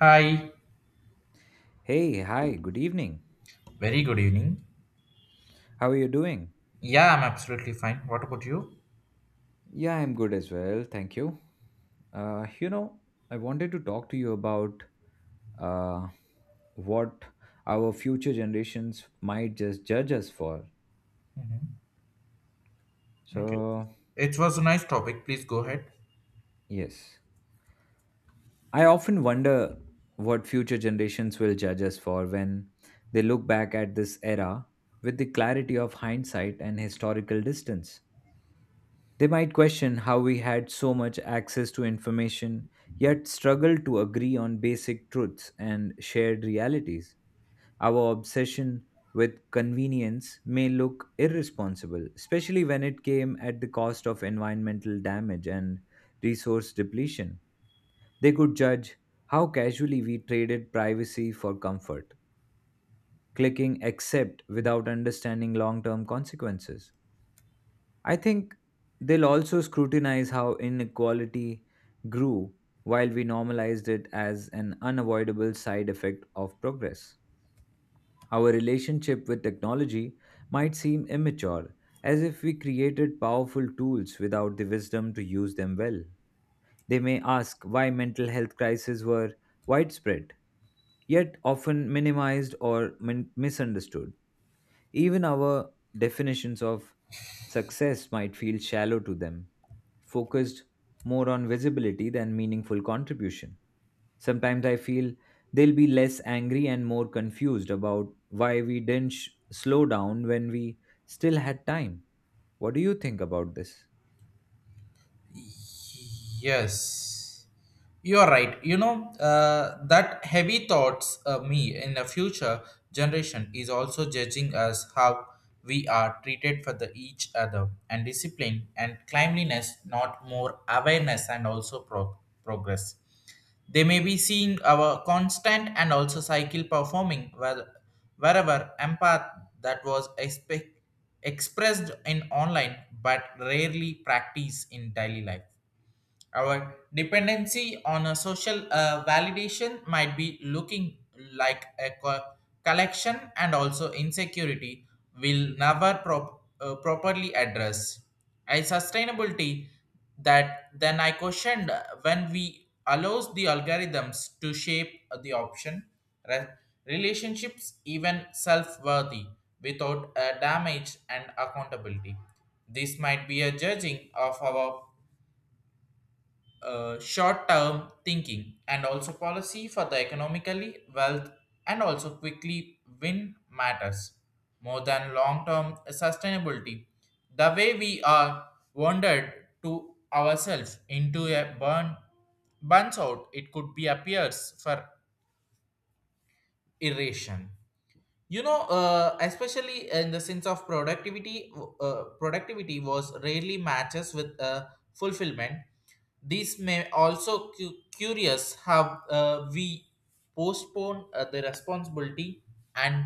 Hi, Hey, hi, good evening. very good evening. How are you doing? Yeah, I'm absolutely fine. What about you? Yeah, I'm good as well. Thank you. Uh, you know, I wanted to talk to you about uh, what our future generations might just judge us for. Okay. So, It was a nice topic. Please go ahead. yes, I often wonder what future generations will judge us for when they look back at this era with the clarity of hindsight and historical distance. They might question how we had so much access to information, yet struggle to agree on basic truths and shared realities. Our obsession with convenience may look irresponsible, especially when it came at the cost of environmental damage and resource depletion. They could judge how casually we traded privacy for comfort, clicking accept without understanding long term consequences. I think they'll also scrutinize how inequality grew while we normalized it as an unavoidable side effect of progress. Our relationship with technology might seem immature, as if we created powerful tools without the wisdom to use them well. They may ask why mental health crises were widespread, yet often minimized or misunderstood. Even our definitions of success might feel shallow to them, focused more on visibility than meaningful contribution. Sometimes I feel they'll be less angry and more confused about why we didn't slow down when we still had time. What do you think about this? Yes. You are right. You know, that heavy thoughts me in the future generation is also judging us how we are treated for the each other and discipline and cleanliness, not more awareness and also progress. They may be seeing our constant and also cycle performing wherever empath that was expressed in online but rarely practiced in daily life. Our dependency on a social validation might be looking like a collection and also insecurity will never properly address. A sustainability that then I questioned when we allows the algorithms to shape the option, re- relationships even self-worthy without damage and accountability. This might be a judging of our short-term thinking and also policy for the economically wealth and also quickly win matters more than long-term sustainability. The way we are wandered to ourselves into a burns out, it could be appears for irration, you know, especially in the sense of productivity was rarely matches with fulfillment, these may also curious how we postpone the responsibility and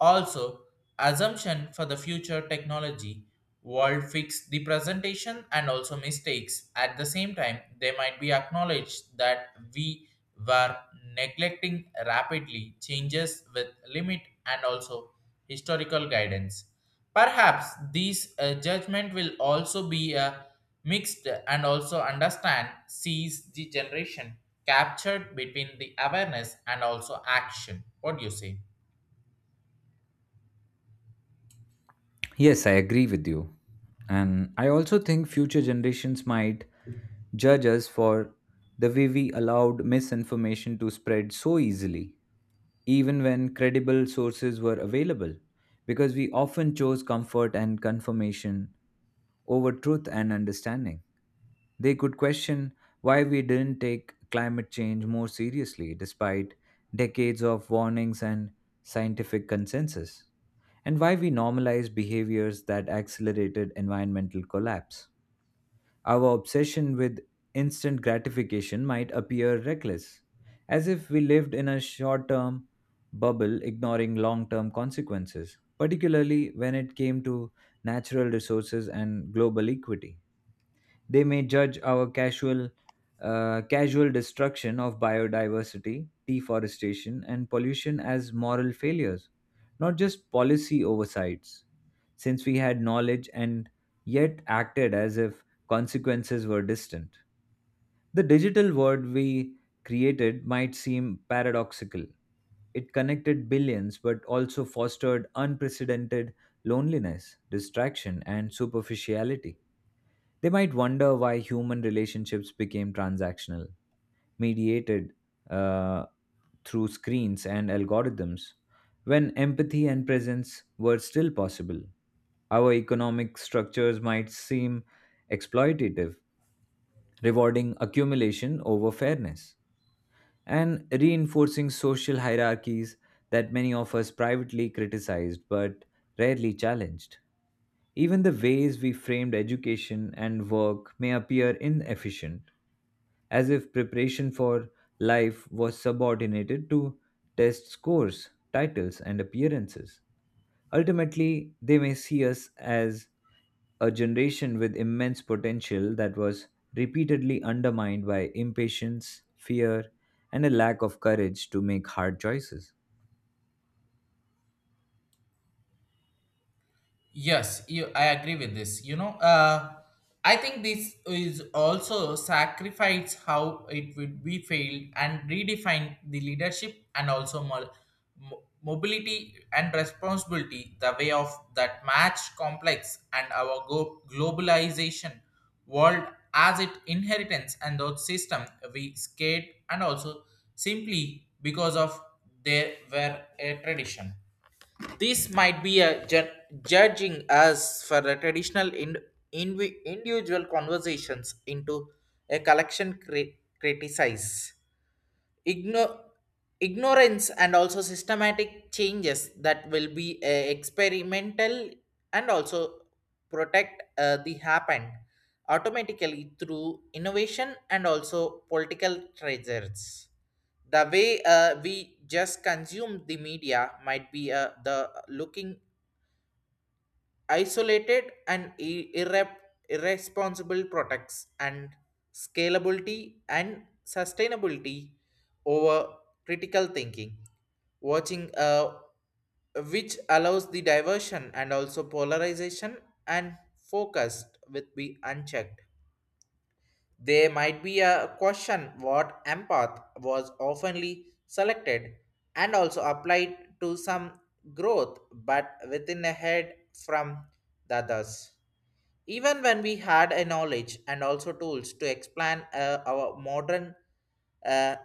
also assumption for the future technology world fix the presentation and also mistakes at the same time they might be acknowledged that we were neglecting rapidly changes with limit and also historical guidance. Perhaps these judgment will also be mixed and also understand sees the generation captured between the awareness and also action. What do you say? Yes, I agree with you. And I also think future generations might judge us for the way we allowed misinformation to spread so easily even when credible sources were available, because we often chose comfort and confirmation over truth and understanding. They could question why we didn't take climate change more seriously despite decades of warnings and scientific consensus, and why we normalized behaviors that accelerated environmental collapse. Our obsession with instant gratification might appear reckless, as if we lived in a short term bubble ignoring long term consequences, particularly when it came to natural resources and global equity. They may judge our casual destruction of biodiversity, deforestation, and pollution as moral failures, not just policy oversights. Since we had knowledge and yet acted as if consequences were distant, the digital world we created might seem paradoxical. It connected billions but also fostered unprecedented loneliness, distraction, and superficiality. They might wonder why human relationships became transactional, mediated uh, through screens and algorithms, when empathy and presence were still possible. Our economic structures might seem exploitative, rewarding accumulation over fairness, and reinforcing social hierarchies that many of us privately criticized but rarely challenged. Even the ways we framed education and work may appear inefficient, as if preparation for life was subordinated to test scores, titles, and appearances. Ultimately, they may see us as a generation with immense potential that was repeatedly undermined by impatience, fear, and a lack of courage to make hard choices. Yes, you, I agree with this. You know, I think this is also sacrifice how it would be failed and redefine the leadership and also mobility and responsibility, the way of that match complex and our globalization world as it inheritance and those system we scared and also simply because of they were a tradition, this might be a judging us for the traditional in- invi individual conversations into a collection criticize. Igno- Ignorance and also systematic changes that will be experimental and also protect the happen automatically through innovation and also political treasures, the way we just consume the media might be the looking isolated and irresponsible products and scalability and sustainability over critical thinking watching which allows the diversion and also polarization and focused with be unchecked, there might be a question what empath was oftenly selected and also applied to some growth but within a head from the others. Even when we had a knowledge and also tools to explain our modern a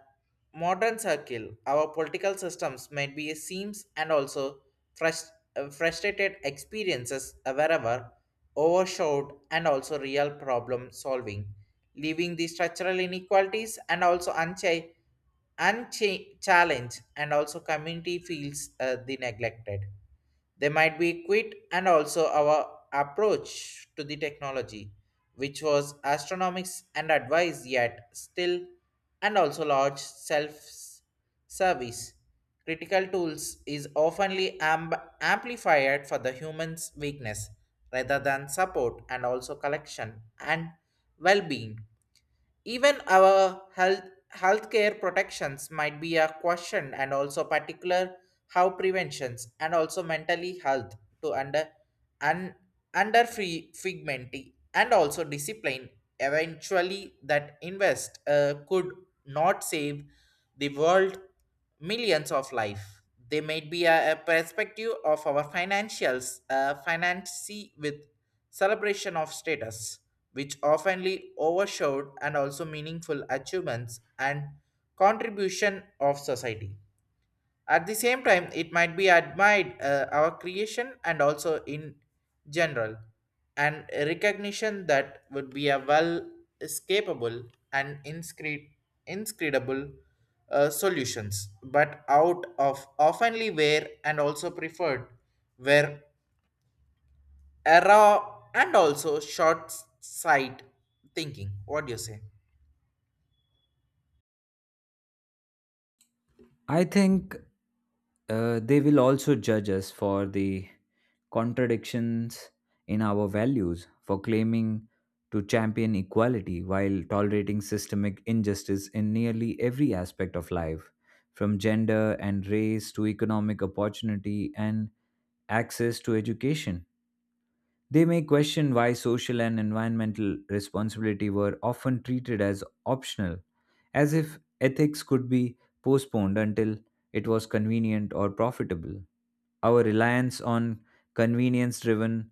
modern circle, our political systems might be a seams and also frust- frustrated experiences wherever overshadowed and also real problem solving, leaving the structural inequalities and also unchecked unchallenged and also community feels the neglected, they might be quit and also our approach to the technology, which was astronomics and advice yet still and also large self-service. Critical tools is oftenly amplified for the human's weakness rather than support and also collection and well-being, even our healthcare protections might be a question and also particular how preventions and also mentally health to under and under free figmenty and also discipline eventually that invest could not save the world millions of life. They might be a perspective of our financials, financy with celebration of status, which oftenly overshadowed and also meaningful achievements and contribution of society. At the same time, it might be admired our creation and also in general, and recognition that would be a well escapable and inscrutable solutions, but out of oftenly where and also preferred where error and also short sight thinking. What do you say? I think they will also judge us for the contradictions in our values, for claiming to champion equality while tolerating systemic injustice in nearly every aspect of life, from gender and race to economic opportunity and access to education. They may question why social and environmental responsibility were often treated as optional, as if ethics could be postponed until it was convenient or profitable. Our reliance on convenience driven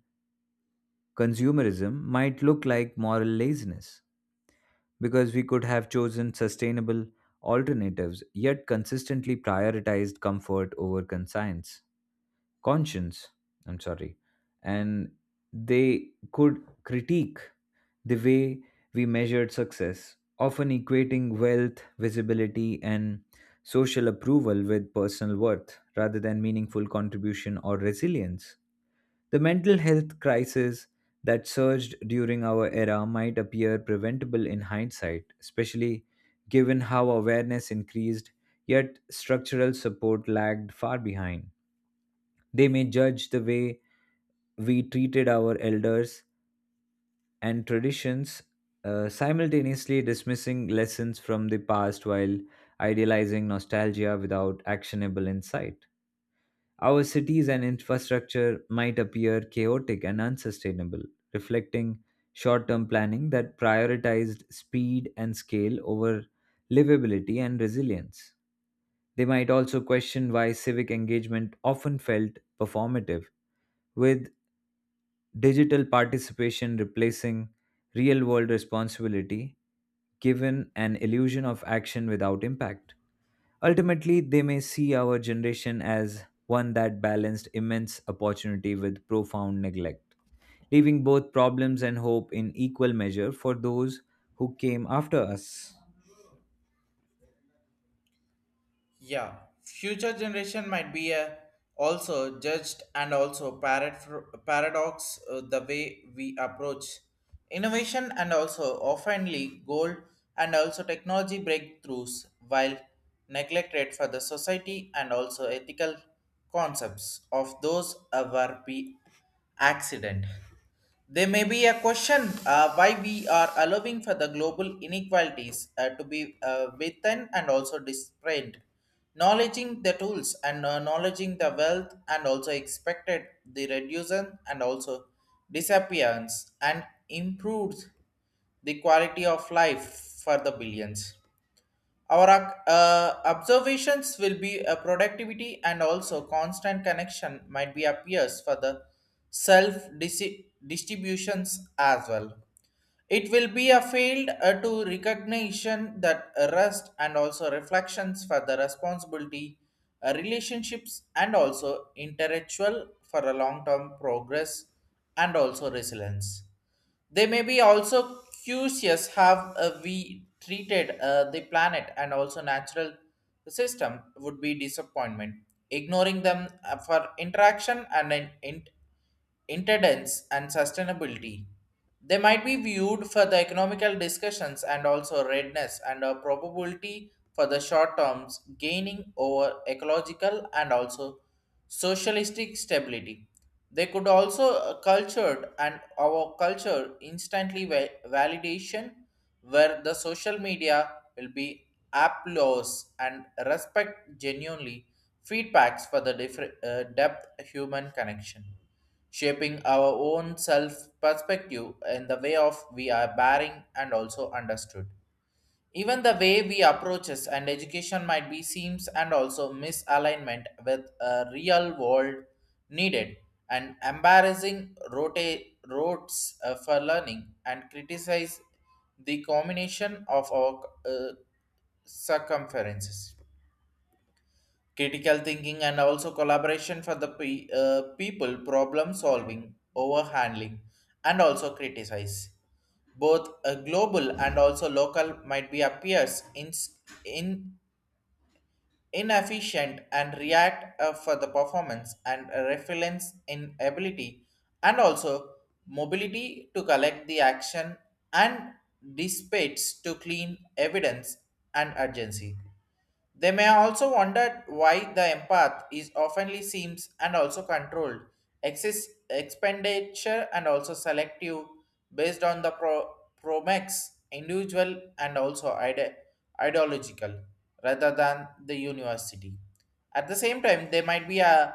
consumerism might look like moral laziness, because we could have chosen sustainable alternatives yet consistently prioritized comfort over conscience. I'm sorry. And they could critique the way we measured success, often equating wealth, visibility, and social approval with personal worth rather than meaningful contribution or resilience. The mental health crisis that surged during our era might appear preventable in hindsight, especially given how awareness increased yet structural support lagged far behind. They may judge the way we treated our elders and traditions, simultaneously dismissing lessons from the past while idealizing nostalgia without actionable insight. Our cities and infrastructure might appear chaotic and unsustainable, reflecting short term planning that prioritized speed and scale over livability and resilience. They might also question why civic engagement often felt performative, with digital participation replacing real world responsibility, given an illusion of action without impact. Ultimately, they may see our generation as one that balanced immense opportunity with profound neglect, leaving both problems and hope in equal measure for those who came after us. Yeah, future generation might be also judged and also paradox the way we approach innovation and also oftenly goal and also technology breakthroughs while neglected for the society and also ethical concepts of those ever be accident. There may be a question why we are allowing for the global inequalities to be within and also displayed. Knowledging the tools and acknowledging the wealth and also expected the reduction and also disappearance and improves the quality of life for the billions. Our observations will be a productivity and also constant connection might be appears for the self distributions as well. It will be a field to recognition that rest and also reflections for the responsibility, relationships and also intellectual for a long-term progress and also resilience. They may be also curious how we treated the planet and also natural system would be disappointment. Ignoring them for interaction and an interdence and sustainability. They might be viewed for the economical discussions and also readiness and a probability for the short terms gaining over ecological and also socialistic stability. They could also cultured and our culture instantly validation where the social media will be applause and respect genuinely feedbacks for the different depth human connection shaping our own self perspective in the way of we are bearing and also understood, even the way we approaches and education might be seems and also misalignment with a real world needed and embarrassing roads for learning and criticize the combination of our circumferences. Critical thinking and also collaboration for the people, problem solving, overhandling, and also criticize both a global and also local might be appears in inefficient and react for the performance and resilience in ability and also mobility to collect the action and dispatch to clean evidence and urgency. They may also wonder why the empath is oftenly seems and also controlled, excess expenditure and also selective based on the Promax, individual and also ideological rather than the university. At the same time, they might be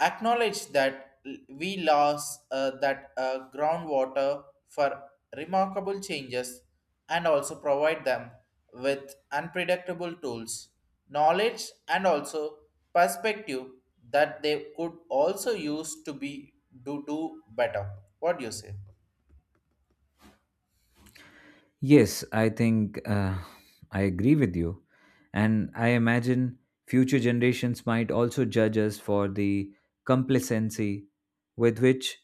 acknowledge that we lost that groundwater for remarkable changes and also provide them with unpredictable tools, knowledge, and also perspective that they could also use to be do better. What do you say? Yes, I think I agree with you. And I imagine future generations might also judge us for the complacency with which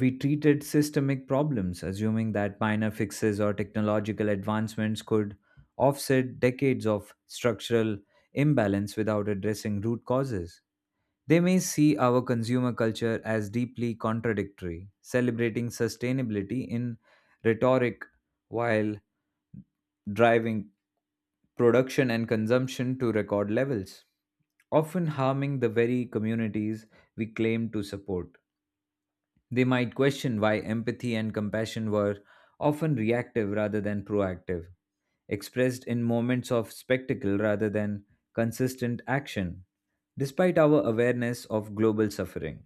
we treated systemic problems, assuming that minor fixes or technological advancements could offset decades of structural imbalance without addressing root causes. They may see our consumer culture as deeply contradictory, celebrating sustainability in rhetoric while driving production and consumption to record levels, often harming the very communities we claim to support. They might question why empathy and compassion were often reactive rather than proactive, expressed in moments of spectacle rather than consistent action, despite our awareness of global suffering.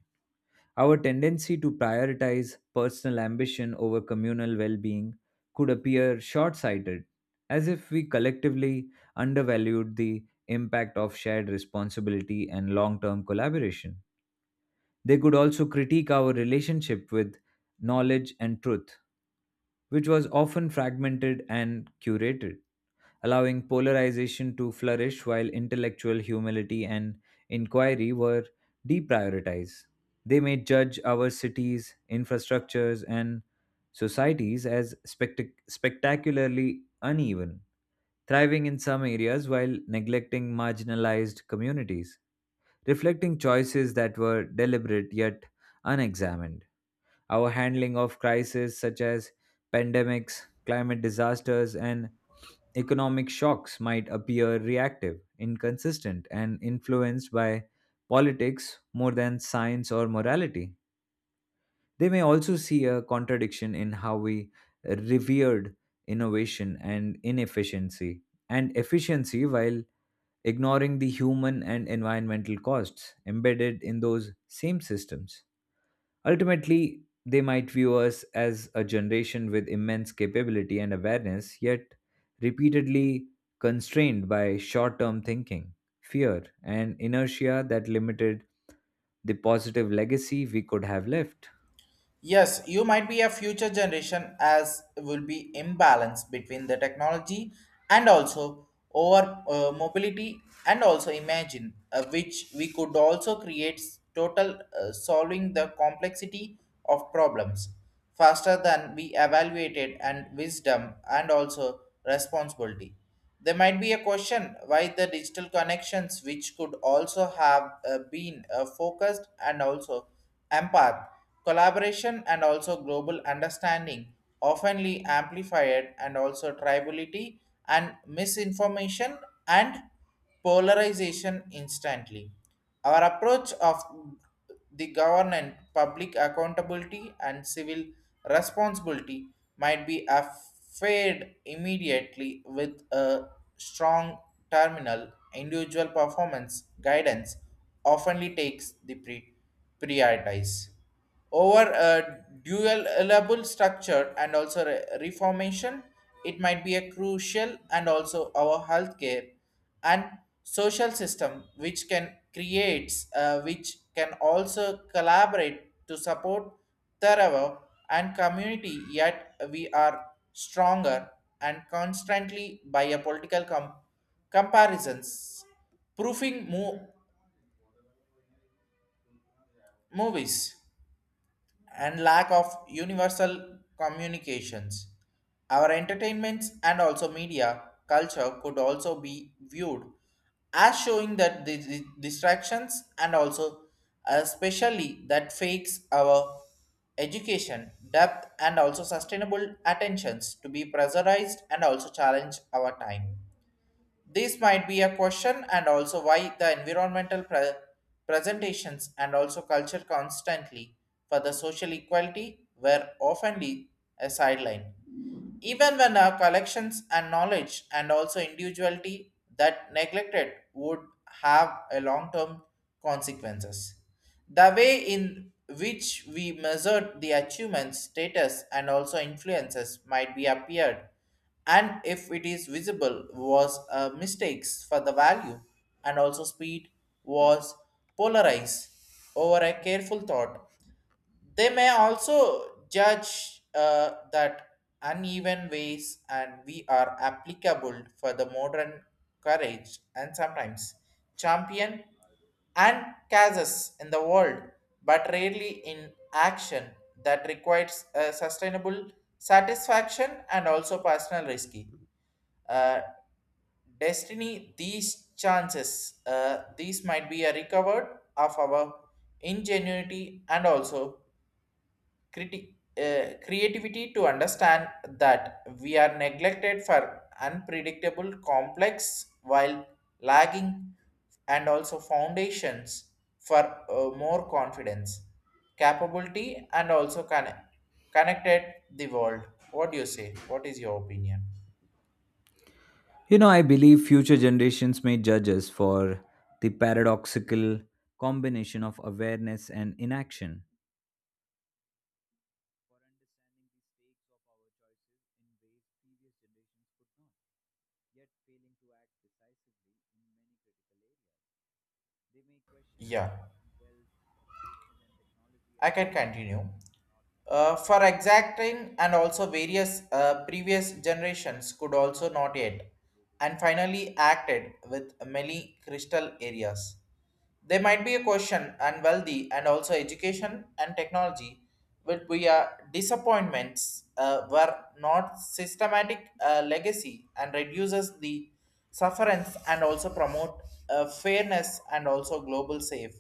Our tendency to prioritize personal ambition over communal well being could appear short sighted, as if we collectively undervalued the impact of shared responsibility and long term collaboration. They could also critique our relationship with knowledge and truth, which was often fragmented and curated, allowing polarization to flourish while intellectual humility and inquiry were deprioritized. They may judge our cities, infrastructures, and societies as spectacularly uneven, thriving in some areas while neglecting marginalized communities, reflecting choices that were deliberate yet unexamined. Our handling of crises such as pandemics, climate disasters, and economic shocks might appear reactive, inconsistent, and influenced by politics more than science or morality. They may also see a contradiction in how we revered innovation and efficiency while ignoring the human and environmental costs embedded in those same systems. Ultimately, they might view us as a generation with immense capability and awareness, yet repeatedly constrained by short term thinking, fear, and inertia that limited the positive legacy we could have left. Yes, you might be a future generation as will be imbalance between the technology and also over mobility and also imagine which we could also create total solving the complexity of problems faster than we evaluated and wisdom and also responsibility. There might be a question why the digital connections, which could also have been focused and also empath, collaboration and also global understanding, oftenly amplified and also tribality and misinformation and polarization instantly. Our approach of the government, public accountability, and civil responsibility might be affected immediately with a strong terminal. Individual performance guidance often takes the prioritize. Over a dualable structure and also reformation, it might be a crucial and also our healthcare and social system which can creates which can also collaborate to support Tarawa and community yet we are stronger and constantly by a political comparisons proofing movies and lack of universal communications. Our entertainments and also media culture could also be viewed as showing that the distractions and also especially that fakes our education depth and also sustainable attentions to be pressurized and also challenge our time, this might be a question and also why the environmental presentations and also culture constantly for the social equality were often a sideline. Even when our collections and knowledge and also individuality that neglected would have a long-term consequences. The way in which we measured the achievements, status, and also influences might be appeared and if it is visible was mistakes for the value and also speed was polarized over a careful thought, they may also judge that uneven ways and we are applicable for the modern courage and sometimes champion and causes in the world, but rarely in action that requires a sustainable satisfaction and also personal risky. Uh, Destiny, these chances, these might be a recovered of our ingenuity and also criti- creativity to understand that we are neglected for unpredictable complex while lagging and also foundations for more confidence capability and also connected the world. What do you say? What is your opinion? You know, I believe future generations may judge us for the paradoxical combination of awareness and inaction. Yeah, I can continue. For exacting and also various previous generations could also not yet and finally acted with many crystal areas. There might be a question and wealthy and also education and technology will be a disappointments were not systematic legacy and reduces the sufferance and also promote fairness and also global safe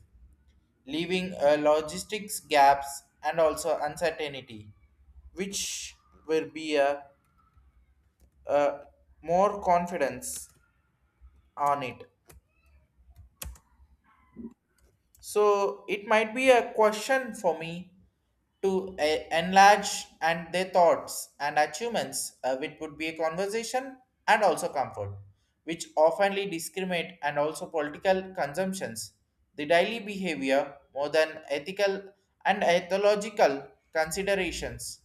leaving a logistics gaps and also uncertainty, which will be a more confidence on it. So it might be a question for me to enlarge and their thoughts and achievements, which would be a conversation and also comfort, which oftenly discriminate and also political consumptions, the daily behavior more than ethical and ethological considerations.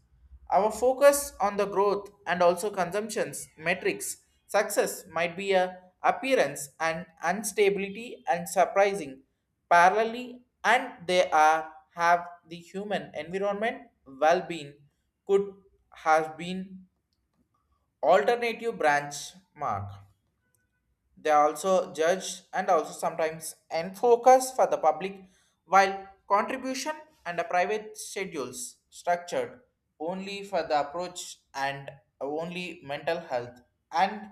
Our focus on the growth and also consumptions metrics success might be a appearance and instability and surprising parallelly and they are have the human environment well-being could have been alternative branch mark, they also judge and also sometimes end focus for the public, while contribution and the private schedules structured only for the approach and only mental health and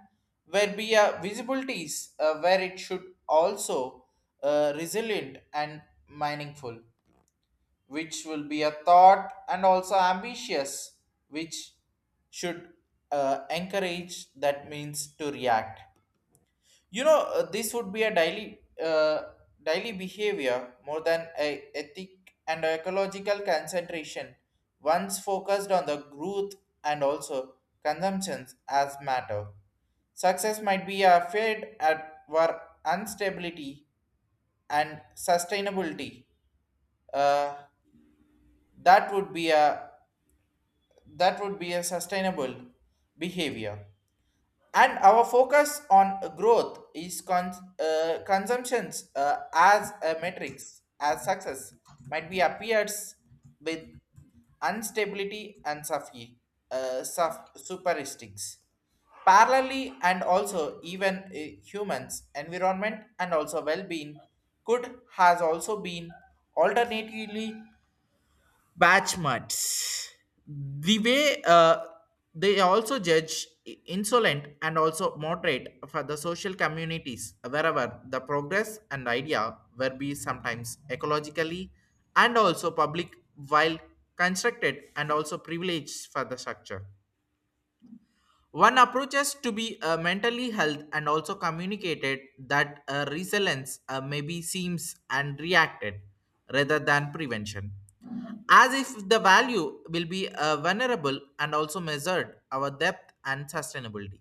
where be a visibility is where it should also resilient and meaningful which will be a thought and also ambitious which should encourage that means to react. You know, this would be a daily behavior more than a ethic and ecological concentration. Once focused on the growth and also consumptions as matter. Success might be a fed at war instability and sustainability. Uh, that would be a sustainable behavior. And our focus on growth is consumptions as a matrix as success might be appears with instability and superistics parallelly and also even humans environment and also well-being could has also been alternatively batch mats, the way they also judge insolent and also moderate for the social communities wherever the progress and idea will be sometimes ecologically and also public while constructed and also privileged for the structure, one approaches to be mentally health and also communicated that resilience maybe seems and reacted rather than prevention. As if the value will be vulnerable and also measured our depth and sustainability.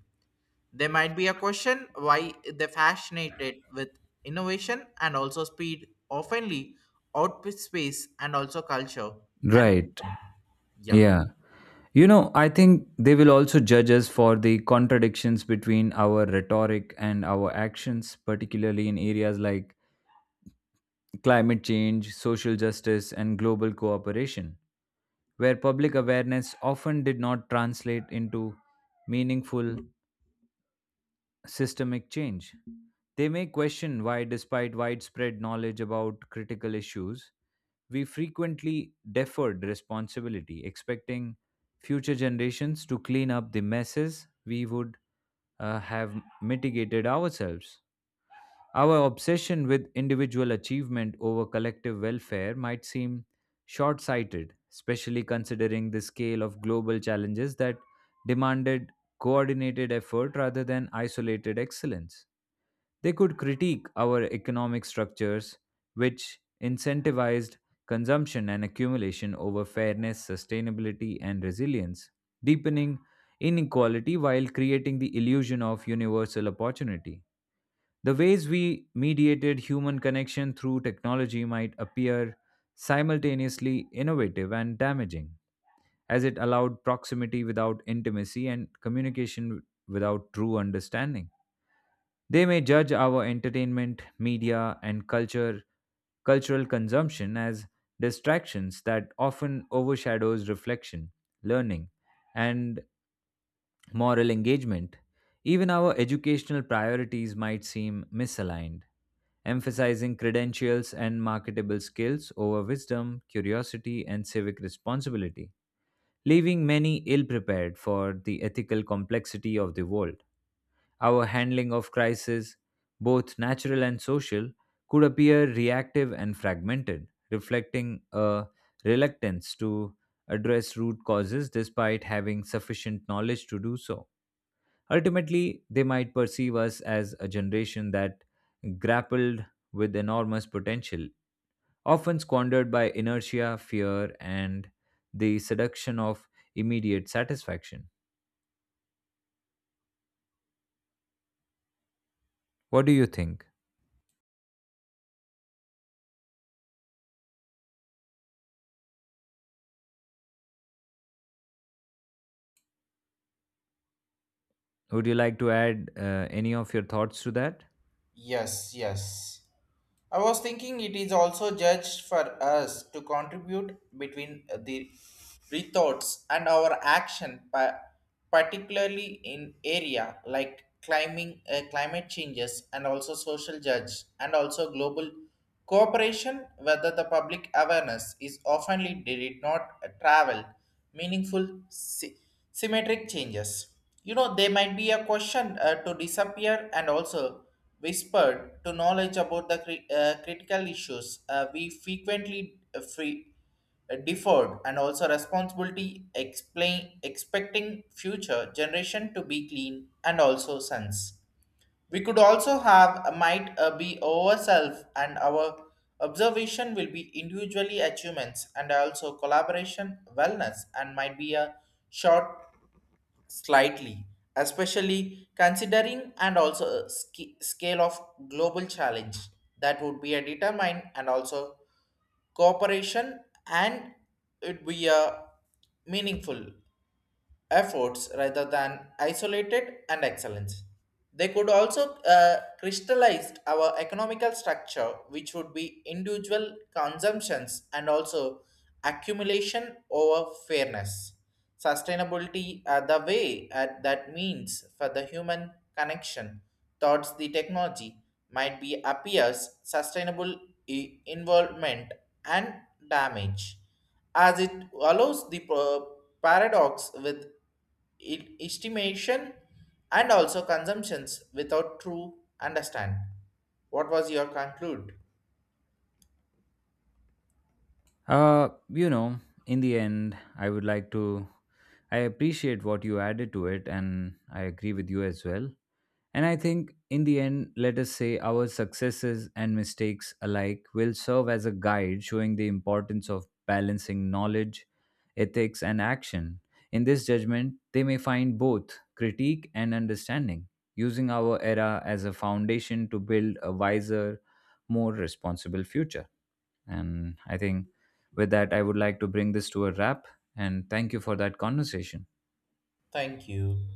There might be a question why they fascinated with innovation and also speed, oftenly outpace space and also culture, and Right, yeah. yeah. You know, I think they will also judge us for the contradictions between our rhetoric and our actions, particularly in areas like climate change, social justice, and global cooperation, where public awareness often did not translate into meaningful systemic change. They may question why, despite widespread knowledge about critical issues, we frequently deferred responsibility, expecting future generations to clean up the messes we would have mitigated ourselves. Our obsession with individual achievement over collective welfare might seem short sighted, especially considering the scale of global challenges that demanded coordinated effort rather than isolated excellence. They could critique our economic structures, which incentivized consumption and accumulation over fairness, sustainability, and resilience, deepening inequality while creating the illusion of universal opportunity. The ways we mediated human connection through technology might appear simultaneously innovative and damaging, as it allowed proximity without intimacy and communication without true understanding. They may judge our entertainment, media, and culture cultural consumption as distractions that often overshadows reflection, learning, and moral engagement. Even our educational priorities might seem misaligned, emphasizing credentials and marketable skills over wisdom, curiosity, and civic responsibility, leaving many ill prepared for the ethical complexity of the world. Our handling of crises, both natural and social, could appear reactive and fragmented, reflecting a reluctance to address root causes despite having sufficient knowledge to do so. Ultimately, they might perceive us as a generation that grappled with enormous potential, often squandered by inertia, fear, and the seduction of immediate satisfaction. What do you think? Would you like to add any of your thoughts to that? Yes, yes. I was thinking it is also judged for us to contribute between the rethoughts and our action, particularly in area like climate changes, and also social judge, and also global cooperation, whether the public awareness is oftenly did not travel meaningful symmetric changes. You know, there might be a question to disappear and also whispered to knowledge about the critical issues we frequently deferred and also responsibility explain expecting future generation to be clean and also sense we could also have a might be our, and our observation will be individually achievements and also collaboration wellness and might be a short slightly, especially considering and also a scale of global challenge that would be a determine and also cooperation and it be a meaningful efforts rather than isolated and excellence. They could also crystallize our economical structure, which would be individual consumptions and also accumulation over fairness. Sustainability, the way that means for the human connection towards the technology, might be appears sustainable involvement and damage as it allows the paradox with estimation and also consumptions without true understand. What was your conclude? Uh, you know, in the end, I would like to. I appreciate what you added to it, and I agree with you as well. And I think in the end, let us say our successes and mistakes alike will serve as a guide showing the importance of balancing knowledge, ethics, and action. In this judgment, they may find both critique and understanding, using our era as a foundation to build a wiser, more responsible future. And I think with that, I would like to bring this to a wrap. And thank you for that conversation. Thank you.